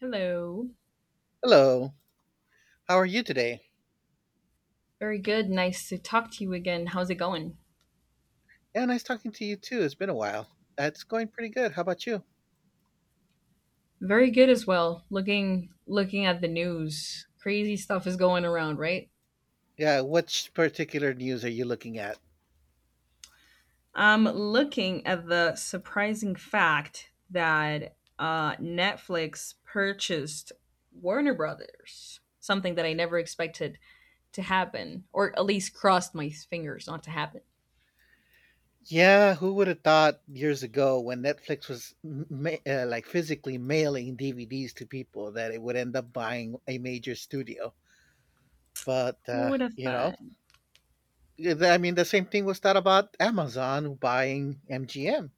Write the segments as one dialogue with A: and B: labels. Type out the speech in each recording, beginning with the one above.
A: Hello.
B: Hello. How are you today?
A: Very good. Nice to talk to you again. How's it going?
B: Yeah, nice talking to you too. It's been a while. That's going pretty good. How about you?
A: Very good as well. Looking at the news. Crazy stuff is going around, right?
B: Yeah, which particular news are you looking at?
A: I'm looking at the surprising fact that Netflix purchased Warner Brothers, something that I never expected to happen or at least crossed my fingers not to happen.
B: Yeah, who would have thought years ago when Netflix was like physically mailing DVDs to people that it would end up buying a major studio? But,
A: Who would have
B: you know,
A: thought?
B: I mean, the same thing was thought about Amazon buying MGM.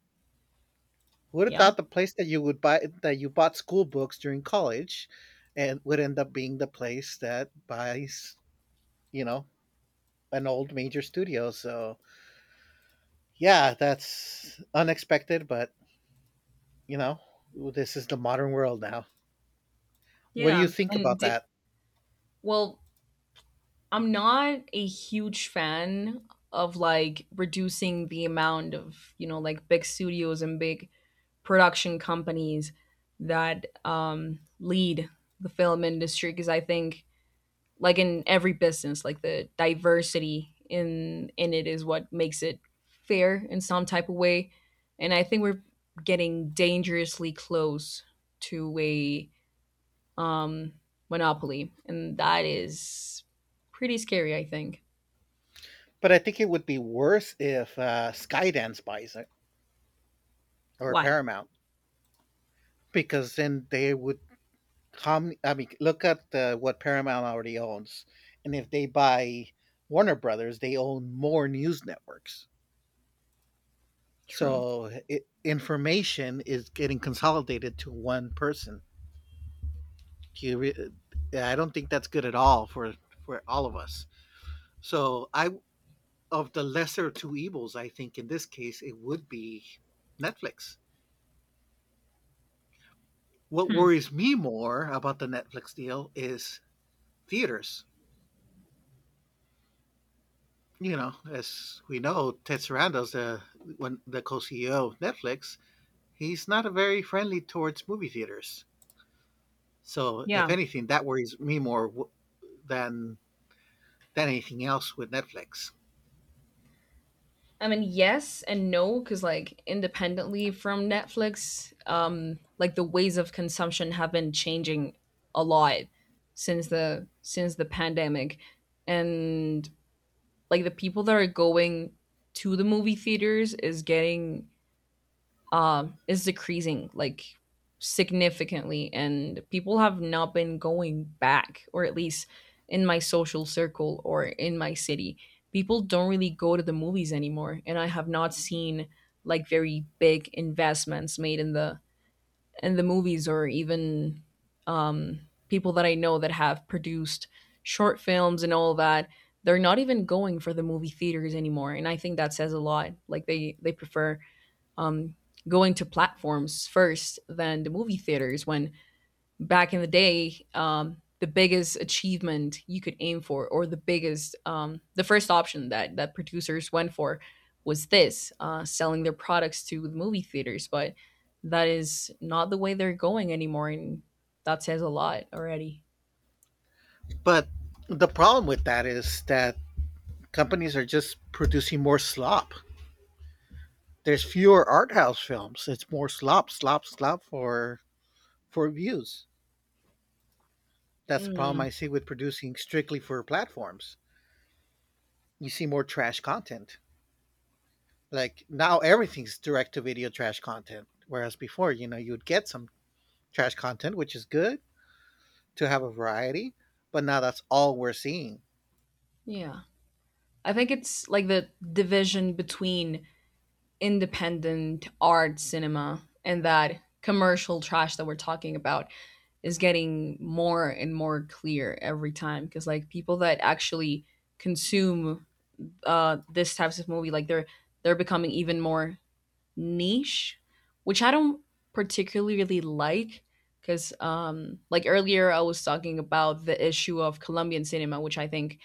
B: Who'd have
A: Yeah.
B: thought the place that you would buy that you bought school books during college and would end up being the place that buys, you know, an old major studio. So yeah, that's unexpected, but you know, this is the modern world now. What do you
A: Yeah.
B: think
A: And
B: about that?
A: well, I'm not a huge fan of like reducing the amount of, you know, like big studios and big production companies that lead the film industry because I think like in every business, like the diversity in it is what makes it fair in some type of way. And I think we're getting dangerously close to a um, monopoly, and that is pretty scary, I think.
B: But I think it would be worse if Skydance buys it or
A: Why?
B: Paramount because then they would. How I mean, look at the, what Paramount already owns, and if they buy Warner Brothers, they own more news networks.
A: True.
B: So it, information is getting consolidated to one person. Do you re- I don't think that's good at all for all of us. So I, of the lesser of two evils, I think in this case it would be Netflix. What
A: Hmm.
B: worries me more about the Netflix deal is theaters. You know, as we know, Ted Sarandos, the one the co-CEO of Netflix, he's not a very friendly towards movie theaters. So, if
A: Yeah.
B: anything, that worries me more than anything else with Netflix.
A: I mean, yes and no, because like independently from Netflix, like the ways of consumption have been changing a lot since the pandemic, and like the people that are going to the movie theaters is getting is decreasing like significantly, and people have not been going back, or at least in my social circle or in my city, people don't really go to the movies anymore, and I have not seen like very big investments made in the movies or even um, people that I know that have produced short films and all that. They're not even going for the movie theaters anymore, and I think that says a lot. Like they prefer um, going to platforms first than the movie theaters when back in the day the biggest achievement you could aim for or the biggest the first option that producers went for was this selling their products to the movie theaters but that is not the way they're going anymore and that says a lot already.
B: But the problem with that is that companies are just producing more slop. There's fewer art house films. It's more slop, slop, slop for views. That's the problem
A: Mm.
B: I see with producing strictly for platforms. You see more trash content. Like now everything's direct to video trash content. Whereas before, you know, you'd get some trash content, which is good to have a variety, but now that's all we're seeing.
A: Yeah, I think it's like the division between independent art cinema and that commercial trash that we're talking about is getting more and more clear every time because like people that actually consume this types of movie like they're becoming even more niche, which I don't particularly really like because like earlier I was talking about the issue of Colombian cinema, which I think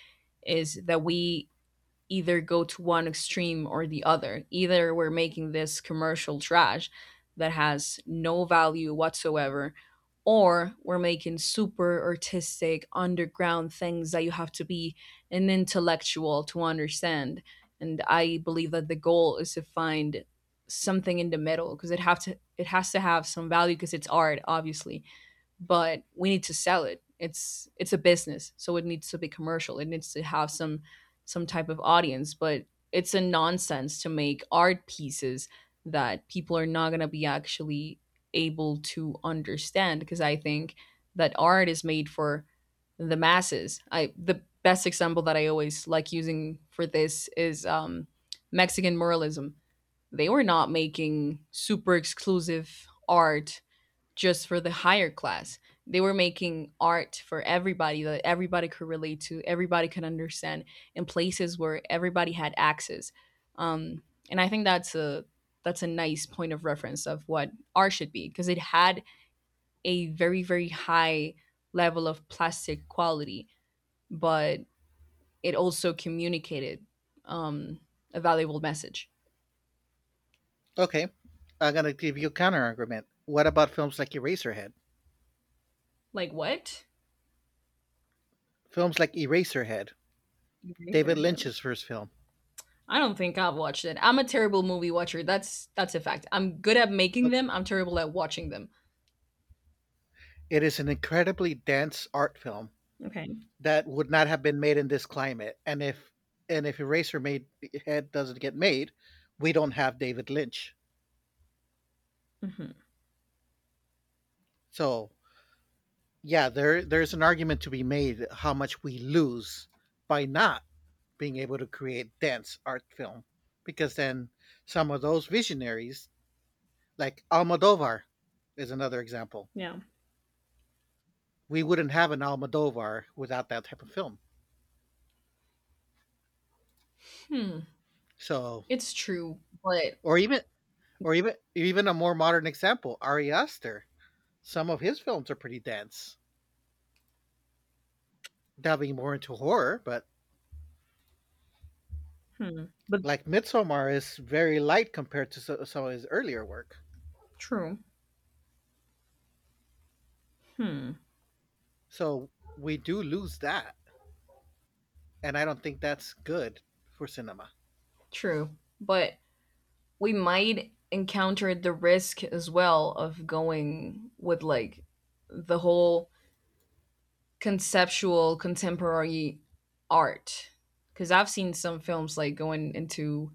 A: is that we either go to one extreme or the other. Either we're making this commercial trash that has no value whatsoever, or we're making super artistic underground things that you have to be an intellectual to understand. And I believe that the goal is to find something in the middle because it has to have some value because it's art obviously but we need to sell it. It's a business, so it needs to be commercial. It needs to have some type of audience, but it's a nonsense to make art pieces that people are not going to be actually able to understand because I think that art is made for the masses. I The best example that I always like using for this is Mexican muralism. They were not making super exclusive art just for the higher class. They were making art for everybody that everybody could relate to, everybody could understand, in places where everybody had access. Um, and I think that's a nice point of reference of what art should be because it had a very very high level of plastic quality, but it also communicated um, a valuable message.
B: Okay. I'm gonna give you a counter argument. What about films like Eraserhead?
A: Like what?
B: Films like Eraserhead,
A: You raise
B: David
A: your hand.
B: Lynch's first film.
A: I don't think I've watched it. I'm a terrible movie watcher. That's a fact. I'm good at making
B: Okay.
A: them. I'm terrible at watching them.
B: It is an incredibly dense art film
A: Okay.
B: that would not have been made in this climate. And if Eraserhead doesn't get made, we don't have David Lynch.
A: Hmm.
B: So yeah, there's an argument to be made how much we lose by not being able to create dense art film, because then some of those visionaries like Almodovar is another example.
A: Yeah.
B: We wouldn't have an Almodovar without that type of film.
A: Hmm.
B: So,
A: It's true, but
B: or even even a more modern example, Ari Aster. Some of his films are pretty dense, delving more into horror, but
A: Hmm. But
B: like Midsommar is very light compared to some of his earlier work.
A: true. Hmm.
B: So we do lose that, and I don't think that's good for cinema.
A: True, but we might encounter the risk as well of going with like the whole conceptual contemporary art because I've seen some films like going into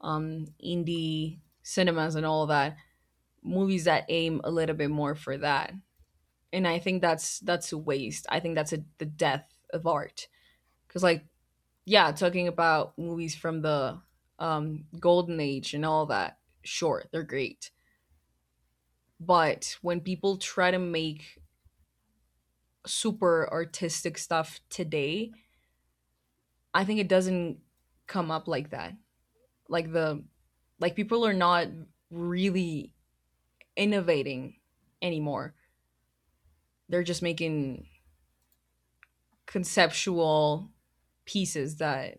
A: indie cinemas and all that, movies that aim a little bit more for that, and I think that's a waste. I think the death of art because like yeah, talking about movies from the golden age and all that, sure, they're great, but when people try to make super artistic stuff today I think it doesn't come up like that. like the like people are not really innovating anymore, they're just making conceptual pieces that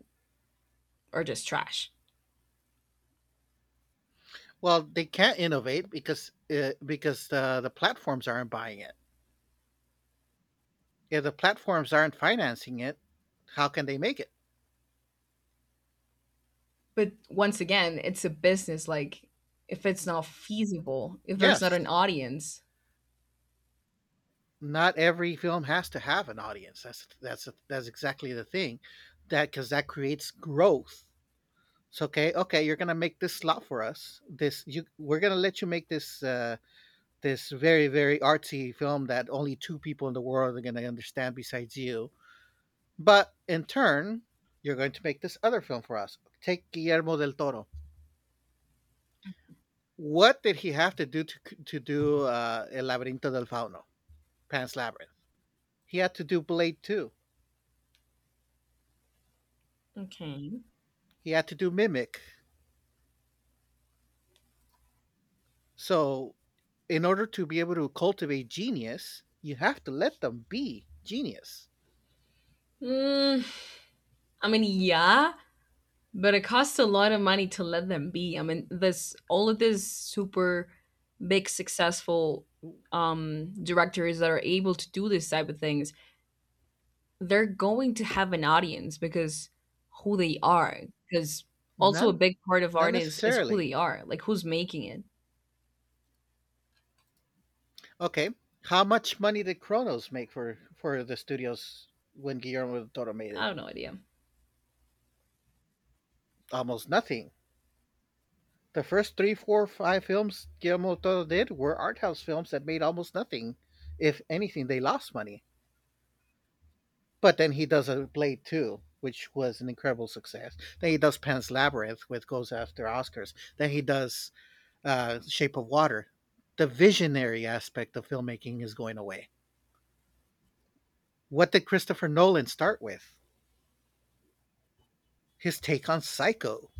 A: are just trash.
B: Well, they can't innovate because the platforms aren't buying it. If the platforms aren't financing it, how can they make it?
A: But once again, it's a business. Like, if it's not feasible, if there's not
B: Yes,
A: an audience,
B: not every film has to have an audience. That's exactly the thing, that because that creates growth. So okay, okay, you're gonna make this slot for us. This you We're gonna let you make this this very very artsy film that only two people in the world are going to understand besides you, but in turn you're going to make this other film for us. Take Guillermo del Toro, what did he have to do to do, el laberinto del fauno, Pan's Labyrinth? He had to do Blade 2,
A: okay.
B: he had to do Mimic. So in order to be able to cultivate genius you have to let them be genius.
A: Mm, I mean, yeah, but it costs a lot of money to let them be. I mean, this all of these super big successful directors that are able to do this type of things, they're going to have an audience because who they are. Because also
B: not
A: a big part of
B: not
A: art is who
B: necessarily.
A: they are, like who's making it.
B: Okay. How much money did Kronos make for the studios when Guillermo del Toro made
A: I
B: it?
A: have no idea.
B: Almost nothing. The first three, four, five films Guillermo del Toro did were art house films that made almost nothing. If anything, they lost money. But then he does a Blade Two, which was an incredible success. Then he does Pan's Labyrinth, which goes after Oscars. Then he does Shape of Water. The visionary aspect of filmmaking is going away. What did Christopher Nolan start with? His take on Psycho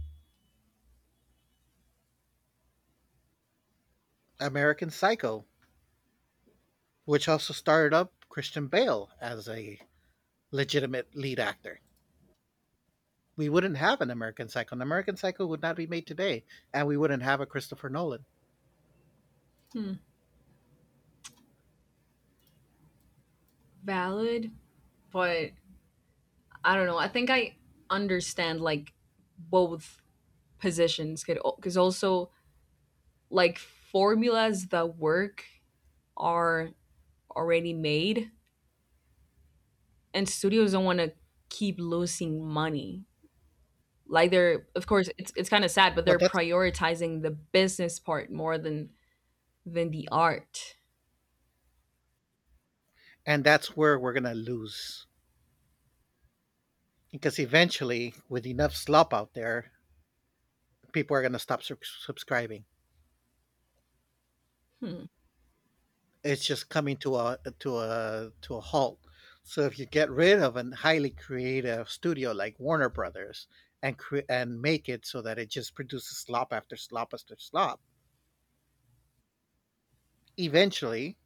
B: American Psycho, which also started up Christian Bale as a legitimate lead actor. We wouldn't have an American Psycho. An American Psycho would not be made today, and we wouldn't have a Christopher Nolan.
A: Hmm. Valid, but I don't know. I think I understand like both positions because also like formulas that work are already made and studios don't want to keep losing money. Like they're, of course, it's kind of sad but
B: Well,
A: they're
B: that's,
A: prioritizing the business part more than the art.
B: and that's where we're gonna lose, because eventually, with enough slop out there, people are gonna stop subscribing.
A: Hmm.
B: It's just coming to a halt. So if you get rid of a highly creative studio like Warner Brothers and make it so that it just produces slop after slop after slop, eventually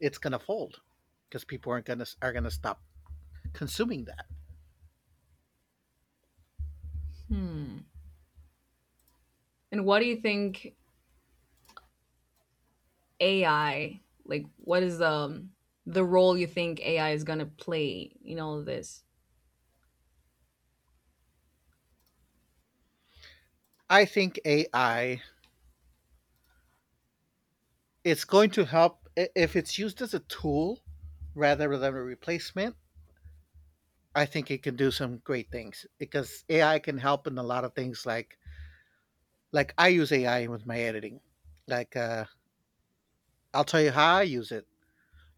B: it's gonna fold because people aren't gonna are gonna stop consuming that.
A: Hmm. And what do you think AI like? What is the role you think AI is gonna play in all of this?
B: I think AI, it's going to help if it's used as a tool rather than a replacement. I think it can do some great things because AI can help in a lot of things like. Like I use AI with my editing. Like I'll tell you how I use it.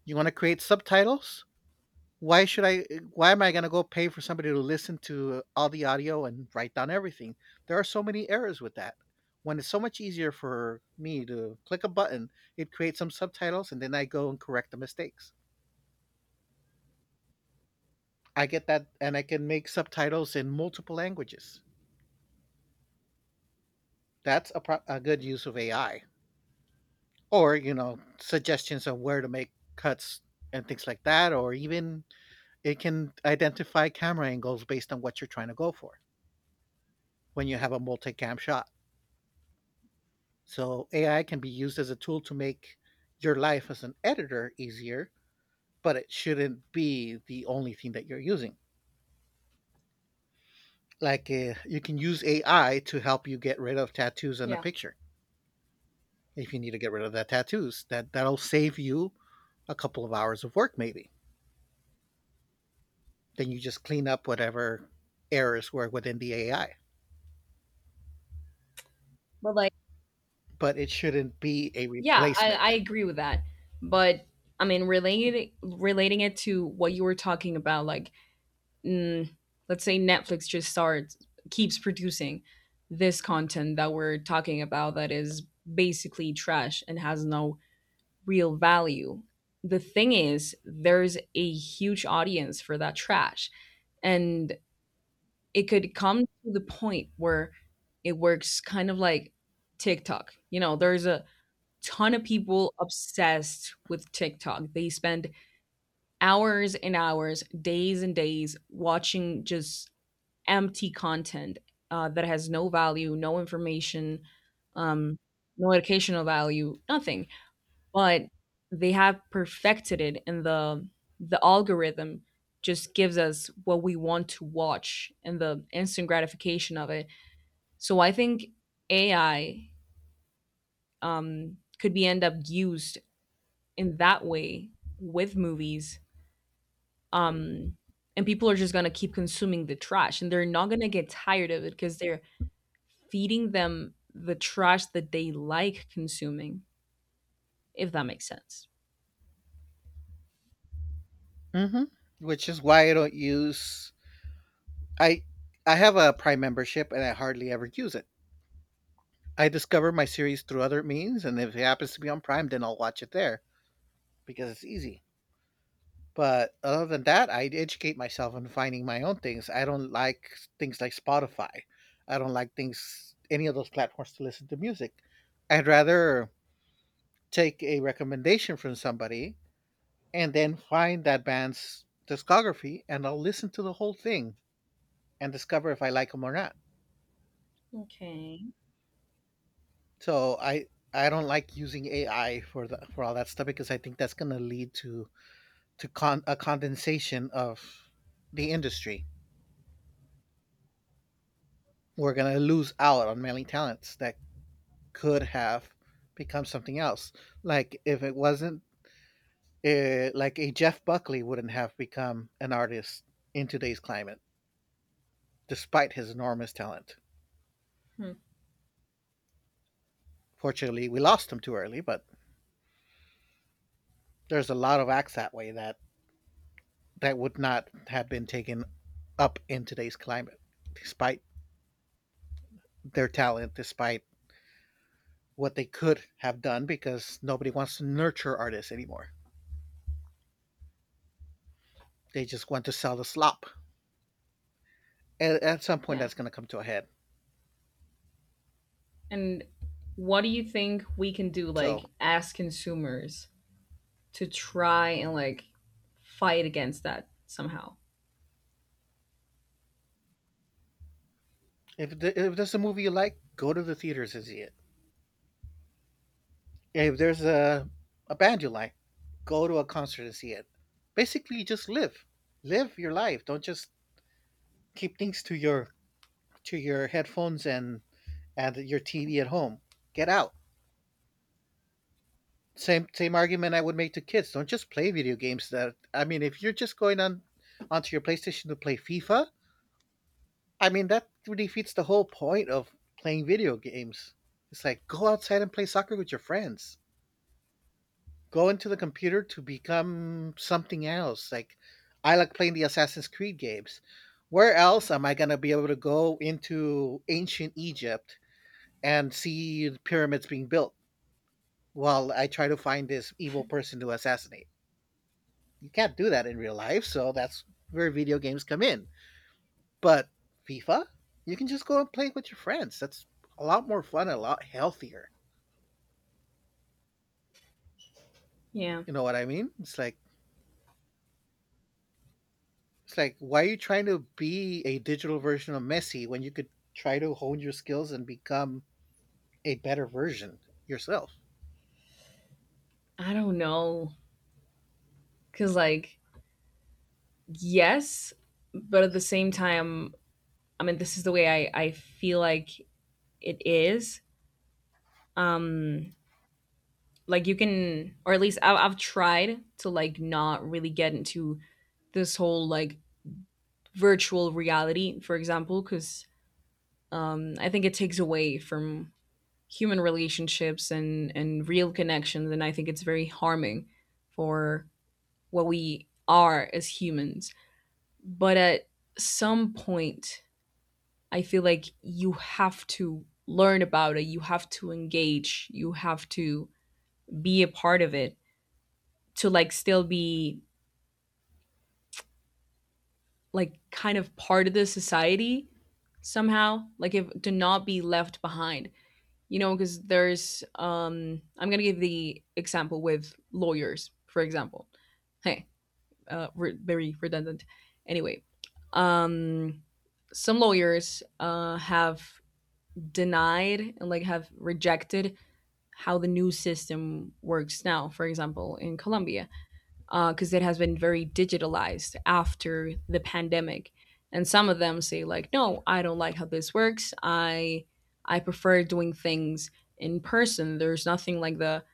B: You want to create subtitles? Why should I? Why am I going to go pay for somebody to listen to all the audio and write down everything? There are so many errors with that. When it's so much easier for me to click a button, it creates some subtitles, and then I go and correct the mistakes. I get that, and I can make subtitles in multiple languages. That's a, a good use of AI. Or, you know, suggestions on where to make cuts and things like that, or even it can identify camera angles based on what you're trying to go for when you have a multi cam shot. So AI can be used as a tool to make your life as an editor easier, but it shouldn't be the only thing that you're using. Like you can use AI to help you get rid of tattoos in a
A: Yeah.
B: picture. If you need to get rid of that tattoos, that'll save you a couple of hours of work maybe. Then you just clean up whatever errors were within the AI.
A: But like,
B: But it shouldn't be a
A: yeah, I
B: replacement.
A: agree with that. But I mean, relating it to what you were talking about, like, mm, let's say Netflix just starts keeps producing this content that we're talking about that is basically trash and has no real value. The thing is, there's a huge audience for that trash. And it could come to the point where it works kind of like TikTok. You know, there's a ton of people obsessed with TikTok. They spend hours and hours, days and days watching just empty content that has no value, no information, um, no educational value, nothing but they have perfected it and the algorithm just gives us what we want to watch and the instant gratification of it. So I think AI could be end up used in that way with movies, um, and people are just going to keep consuming the trash and they're not going to get tired of it because they're feeding them the trash that they like consuming, if that makes sense.
B: Mm-hmm. Which is why I don't use. I I have a Prime membership and I hardly ever use it. I discover my series through other means, and if it happens to be on Prime, then I'll watch it there because it's easy. But other than that, I educate myself on finding my own things. I don't like things like Spotify. I don't like things, any of those platforms to listen to music. I'd rather take a recommendation from somebody and then find that band's discography and I'll listen to the whole thing and discover if I like them or not.
A: Okay.
B: So I don't like using AI for for all that stuff because I think that's going to lead to a condensation of the industry. We're going to lose out on many talents that could have become something else. Like if it wasn't like a Jeff Buckley wouldn't have become an artist in today's climate despite his enormous talent.
A: Hmm.
B: Fortunately, we lost him too early, but there's a lot of acts that way that would not have been taken up in today's climate, despite their talent, despite what they could have done, because nobody wants to nurture artists anymore. They just want to sell the slop. And at some point,
A: Yeah.
B: that's going to come to a head.
A: And what do you think we can do,
B: So,
A: like, as consumers to try and, like, fight against that somehow?
B: if there's a movie you like, go to the theaters and see it. If there's a band you like, go to a concert and see it. Basically, just live. Live your life. Don't just keep things to your headphones and your TV at home. Get out. Same argument I would make to kids. Don't just play video games. That I mean, if you're just going on onto your PlayStation to play FIFA, I mean that defeats the whole point of playing video games. It's like go outside and play soccer with your friends. Go into the computer to become something else. Like I like playing the Assassin's Creed games. Where else am I gonna be able to go into ancient Egypt and see the pyramids being built while I try to find this evil person to assassinate. You can't do that in real life, so that's where video games come in. But FIFA, you can just go and play with your friends. That's a lot more fun, a lot healthier.
A: Yeah.
B: You know what I mean? It's like why are you trying to be a digital version of Messi when you could try to hone your skills and become a better version yourself?
A: I don't know. Cause, like, yes, but at the same time, I mean, this is the way I feel like it is. Um, like you can, or at least I've tried to like not really get into this whole like virtual reality, for example, because I think it takes away from human relationships and real connections, and I think it's very harming for what we are as humans, but at some point I feel like you have to learn about it, you have to engage, you have to be a part of it to like still be like kind of part of the society somehow, like if to not be left behind, you know, because there's I'm gonna give the example with lawyers, for example. Hey, very redundant. Anyway, um, some lawyers have denied and like have rejected how the new system works now. For example, in Colombia, because it has been very digitalized after the pandemic, and some of them say like, "No, I don't like how this works. I prefer doing things in person. There's nothing like the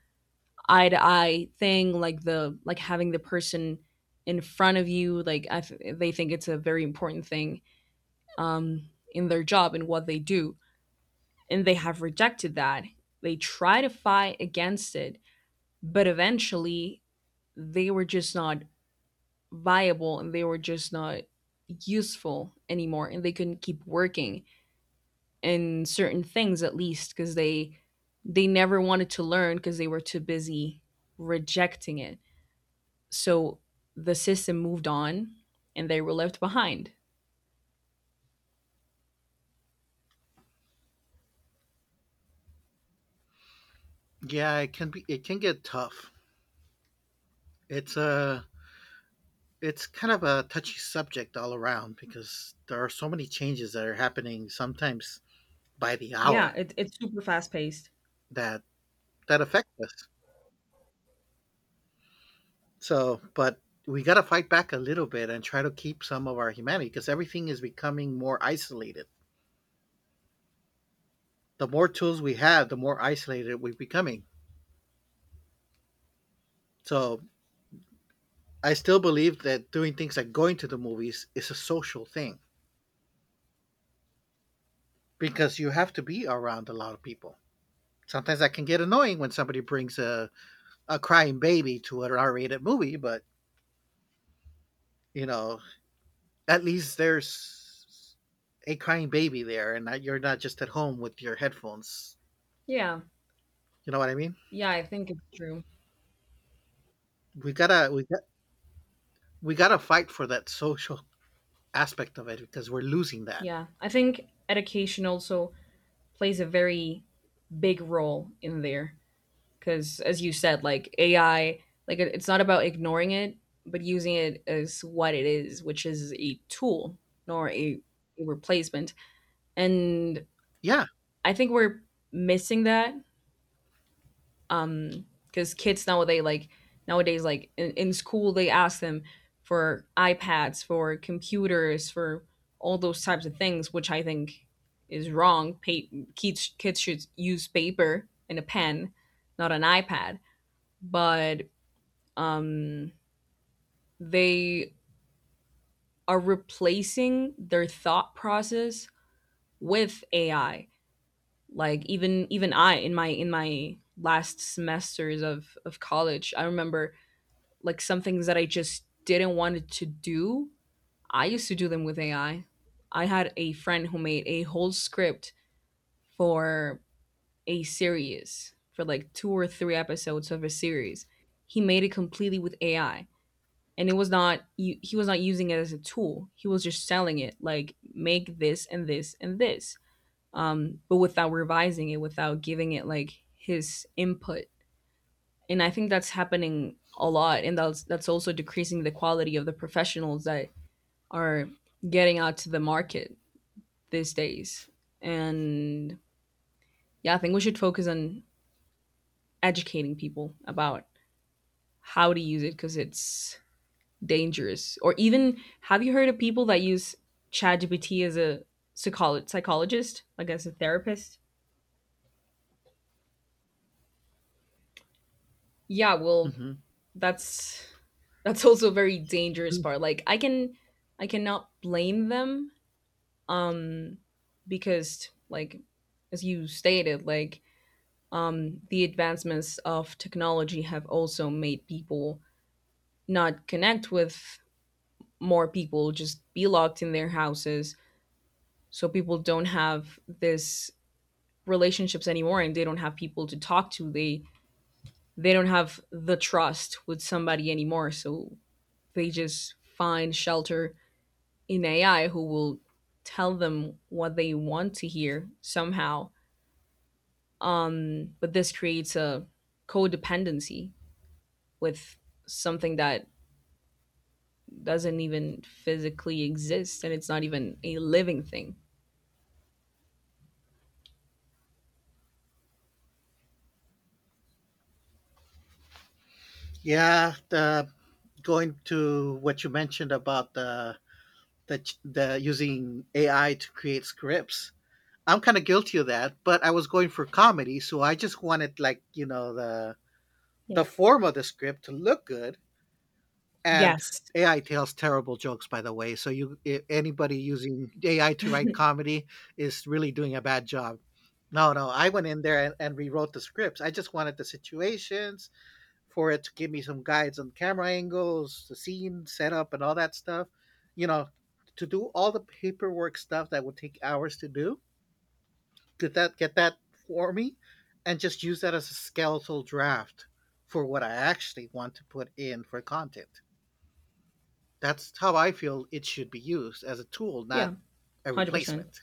A: eye to eye thing, like the having the person in front of you, like they think it's a very important thing in their job and what they do, and they have rejected that, they try to fight against it but eventually they were just not viable and they were just not useful anymore and they couldn't keep working in certain things at least because they never wanted to learn because they were too busy rejecting it. So the system moved on and they were left behind.
B: Yeah, it can be, it can get tough. It's a it's kind of a touchy subject all around because there are so many changes that are happening sometimes by the
A: Yeah,
B: hour
A: it's super fast paced.
B: that that affect us. So, but we got to fight back a little bit and try to keep some of our humanity because everything is becoming more isolated. The more tools we have, the more isolated we're becoming. So, I still believe that doing things like going to the movies is a social thing because you have to be around a lot of people. Sometimes that can get annoying when somebody brings a crying baby to an R-rated movie, but you know, at least there's a crying baby there, and that you're not just at home with your headphones.
A: Yeah.
B: You know what I mean?
A: Yeah, I think it's true.
B: We gotta we got, we gotta fight for that social aspect of it because we're losing that.
A: Yeah. I think education also plays a very big role in there because as you said like AI it's not about ignoring it but using it as what it is, which is a tool nor a replacement. And
B: Yeah,
A: I think we're missing that because kids nowadays like in school they ask them for ipads, for computers, for all those types of things, which I think is wrong. Kids should use paper and a pen, not an ipad. But um they are replacing their thought process with ai. Like even I in my last semesters of college, I remember like some things that I just didn't want to do, I used to do them with AI. I had a friend who made a whole script for a series, for like two or three episodes of a series. He made it completely with AI, and it was not he he was not using it as a tool. He was just selling it like, make this and this and this, but without revising it, without giving it like his input. And I think that's happening a lot, and that's also decreasing the quality of the professionals that are getting out to the market these days. And yeah, I think we should focus on educating people about how to use it, because it's dangerous. Or even, have you heard of people that use ChatGPT as a psychologist, like as a therapist? Yeah, well,
B: hmm,
A: that's that's also a very dangerous part. Like I cannot blame them, um because like, as you stated, like, the advancements of technology have also made people not connect with more people, just be locked in their houses. So people don't have this relationships anymore, and they don't have people to talk to. They don't have the trust with somebody anymore, so they just find shelter in ai, who will tell them what they want to hear somehow. But this creates a codependency with something that doesn't even physically exist, and it's not even a living thing.
B: yeah. Going to what you mentioned about the using AI to create scripts. I'm kind of guilty of that, but I was going for comedy, so I just wanted like
A: Yeah.
B: the form of the script to look good. And
A: Yes.
B: AI tells terrible jokes, by the way. So you, I anybody using AI to write comedy is really doing a bad job. No, no, I went in there and rewrote the scripts. I just wanted the situations for it to give me some guides on camera angles, the scene setup, and all that stuff. You know, to do all the paperwork stuff that would take hours to do, did that, get that for me? And just use that as a skeletal draft for what I actually want to put in for content. That's how I feel it should be used, as a tool,
A: Yeah,
B: not a
A: 100%.
B: replacement.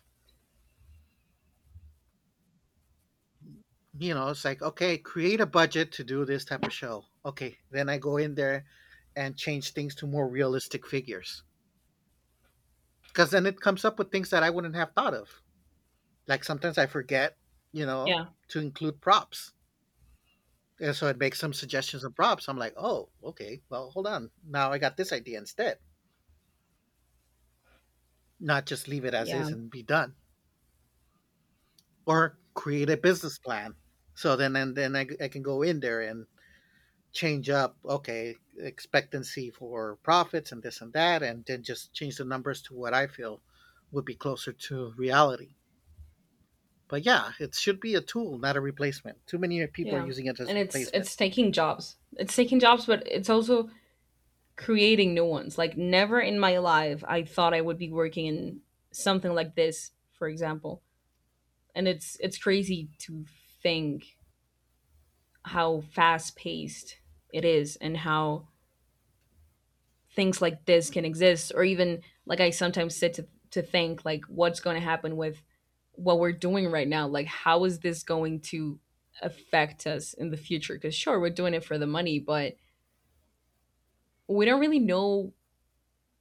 B: You know, it's like, okay, create a budget to do this type of show. Okay, then I go in there and change things to more realistic figures. Because then it comes up with things that I wouldn't have thought of. Like sometimes I forget, you know,
A: Yeah.
B: to include props. And so it makes some suggestions and prompts. I'm like, oh, okay, well, hold on. Now I got this idea instead. Not just leave it as
A: Yeah.
B: is and be done, or create a business plan. So then, and then I can go in there and change up, okay, expectancy for profits and this and that, and then just change the numbers to what I feel would be closer to reality. But yeah, it should be a tool, not a replacement. Too many people are
A: Yeah.
B: using it as
A: And it's
B: replacement.
A: it's taking jobs. It's taking jobs, but it's also creating new ones. Like, never in my life I thought I would be working in something like this, for example. And it's crazy to think how fast paced it is and how things like this can exist. Or even like, I sometimes sit to think like, what's going to happen with what we're doing right now? Like, how is this going to affect us in the future? Because sure, we're doing it for the money, but we don't really know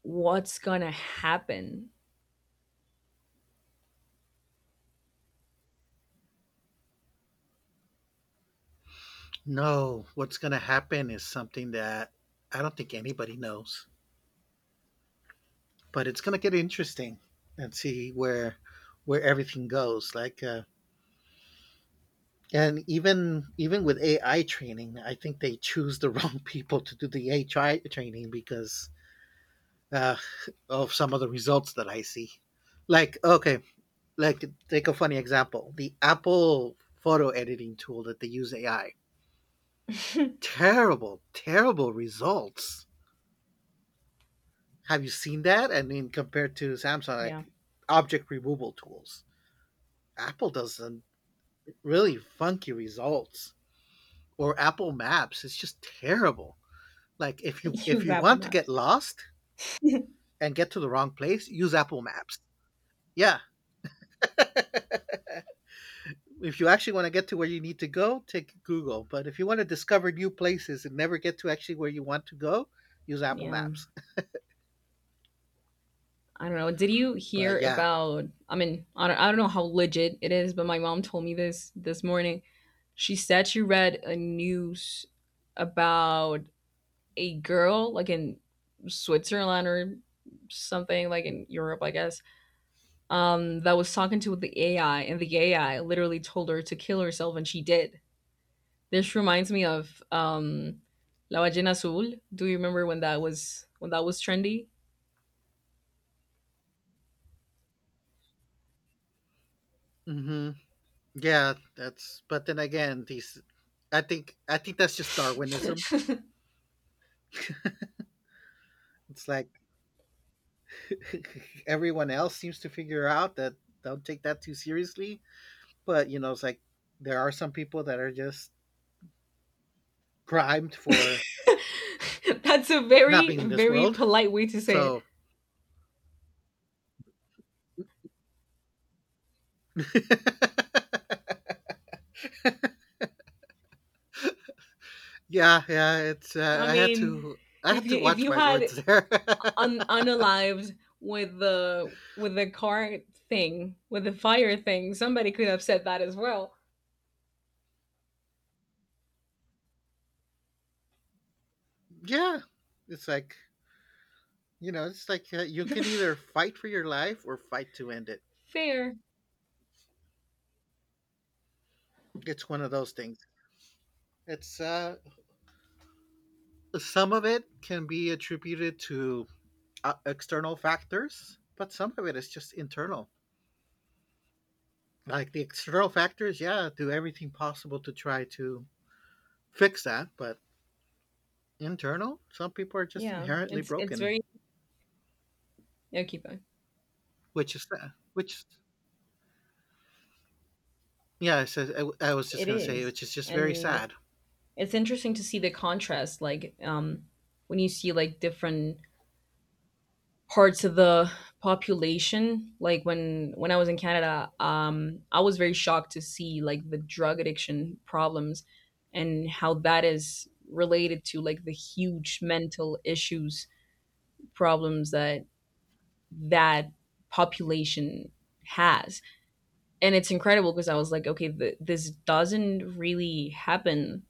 A: what's going to happen.
B: No, what's going to happen is something that I don't think anybody knows. But it's gonna get interesting and see where everything goes. And even with AI training, I think they choose the wrong people to do the AI training because uh, of some of the results that I see. Like, okay, like take a funny example: the Apple photo editing tool that they use AI. Terrible, terrible results. Have you seen that? I mean, compared to Samsung,
A: Yeah.
B: like object removal tools, Apple does a really funky results, or Apple Maps. It's just terrible. Like if
A: Use
B: you
A: Apple
B: want to get
A: Maps.
B: lost and get to the wrong place, use Apple Maps. Yeah. If you actually want to get to where you need to go, take Google. But if you want to discover new places and never get to actually where you want to go, use Apple
A: Yeah,
B: Maps.
A: I don't know, did you
B: But
A: hear
B: yeah,
A: about, I mean, I don't know how legit it is, but my mom told me this this morning. She said she read a news about a girl, like in Switzerland or something, like in Europe, I guess, that was talking to the AI, and the AI literally told her to kill herself, and she did. This reminds me of La Ballena Azul. Do you remember when that was trendy?
B: hmm, yeah, that's. But then again, I think that's just Darwinism. It's like everyone else seems to figure out that don't take that too seriously. But, you know, it's like there are some people that are just primed for
A: That's a
B: not
A: very
B: being in this
A: very
B: world.
A: polite way to say it.
B: So yeah, yeah, it's
A: I mean,
B: I had to
A: if
B: watch
A: you
B: my words
A: had
B: there.
A: unalived with the car thing, with the fire thing, somebody could have said that as well.
B: Yeah, it's like you can either fight for your life or fight to end it.
A: Fair.
B: It's one of those things. It's some of it can be attributed to external factors, but some of it is just internal. Like the external factors, yeah, do everything possible to try to fix that. But internal, some people are just
A: Yeah.
B: inherently
A: It's
B: broken,
A: very— no, keep going.
B: which is which, yeah. I was just
A: It
B: gonna say,
A: is.
B: which is just very
A: And
B: sad.
A: it's interesting to see the contrast, like, when you see like different parts of the population. Like when I was in Canada, um, I was very shocked to see like the drug addiction problems and how that is related to like the huge mental issues problems that that population has. And it's incredible, because I was like, okay, this doesn't really happen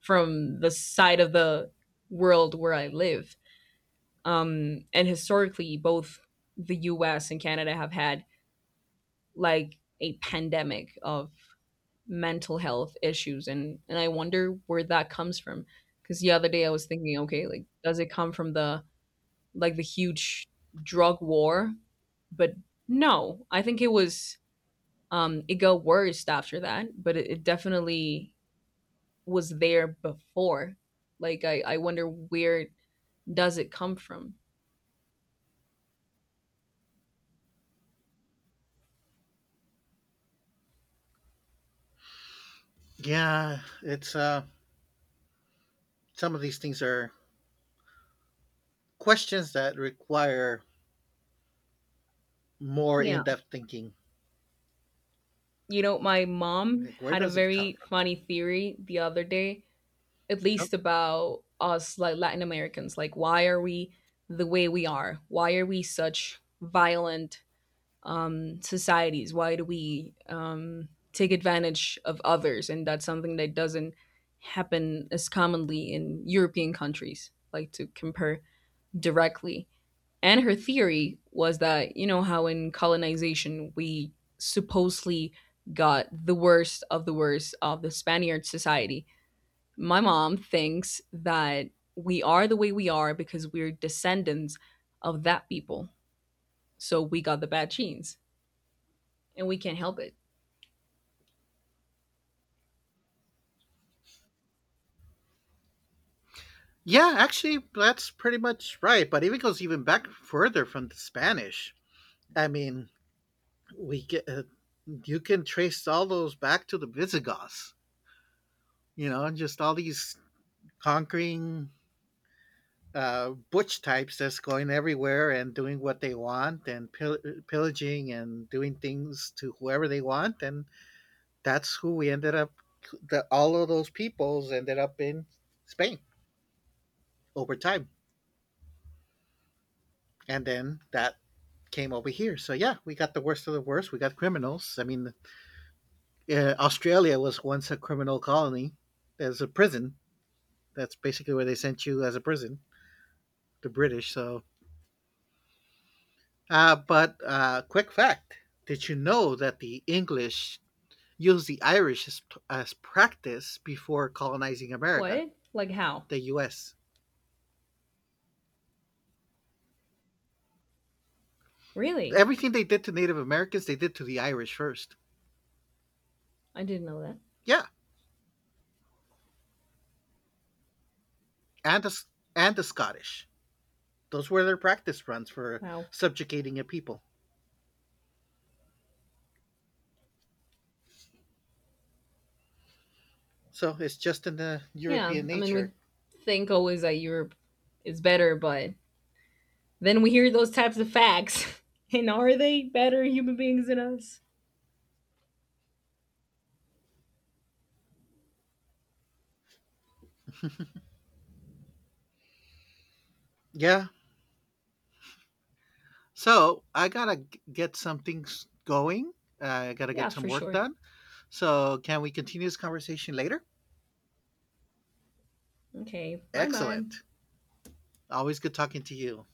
A: from the side of the world where I live. And historically, both the US and Canada have had like a pandemic of mental health issues. And I wonder where that comes from. Because the other day I was thinking, okay, like, does it come from the like the huge drug war? But no, I think it was, um, it got worse after that, but it definitely was there before. Like I wonder, where does it come from?
B: Yeah, it's some of these things are questions that require more
A: Yeah.
B: in-depth thinking.
A: You know, my mom
B: Like, where
A: had a
B: does it come
A: very
B: from?
A: funny theory the other day, at
B: Some-
A: least about us, like Latin Americans, like, why are we the way we are? Why are we such violent societies? Why do we take advantage of others? And that's something that doesn't happen as commonly in European countries, like, to compare directly. And her theory was that, you know, how in colonization we supposedly got the worst of the worst of the Spaniard society. My mom thinks that we are the way we are because we're descendants of that people. So we got the bad genes and we can't help it.
B: Yeah, actually, that's pretty much right. But it goes even back further from the Spanish. I mean, we get you can trace all those back to the Visigoths, you know, and just all these conquering butch types that's going everywhere and doing what they want and pillaging and doing things to whoever they want. And that's who we ended up, all of those peoples ended up in Spain over time. And then that came over here. So yeah, we got the worst of the worst. We got criminals. I mean, Australia was once a criminal colony. There's a prison. That's basically where they sent you as a prison, the British. So, but quick fact: did you know that the English used the Irish as practice before colonizing America,
A: What? Like how?
B: the U.S.?
A: Really?
B: Everything they did to Native Americans, they did to the Irish first.
A: I didn't know that.
B: Yeah, and the and the Scottish. Those were their practice runs for
A: Wow.
B: subjugating a people. So it's just in the
A: Yeah,
B: European
A: I mean,
B: nature.
A: we think always that Europe is better, but then we hear those types of facts. And are they better human beings than us?
B: Yeah. So I gotta get some things going. I gotta get
A: Yeah,
B: some
A: for
B: work
A: sure.
B: done. So, can we continue this conversation later?
A: Okay, bye bye.
B: Excellent. Always good talking to you.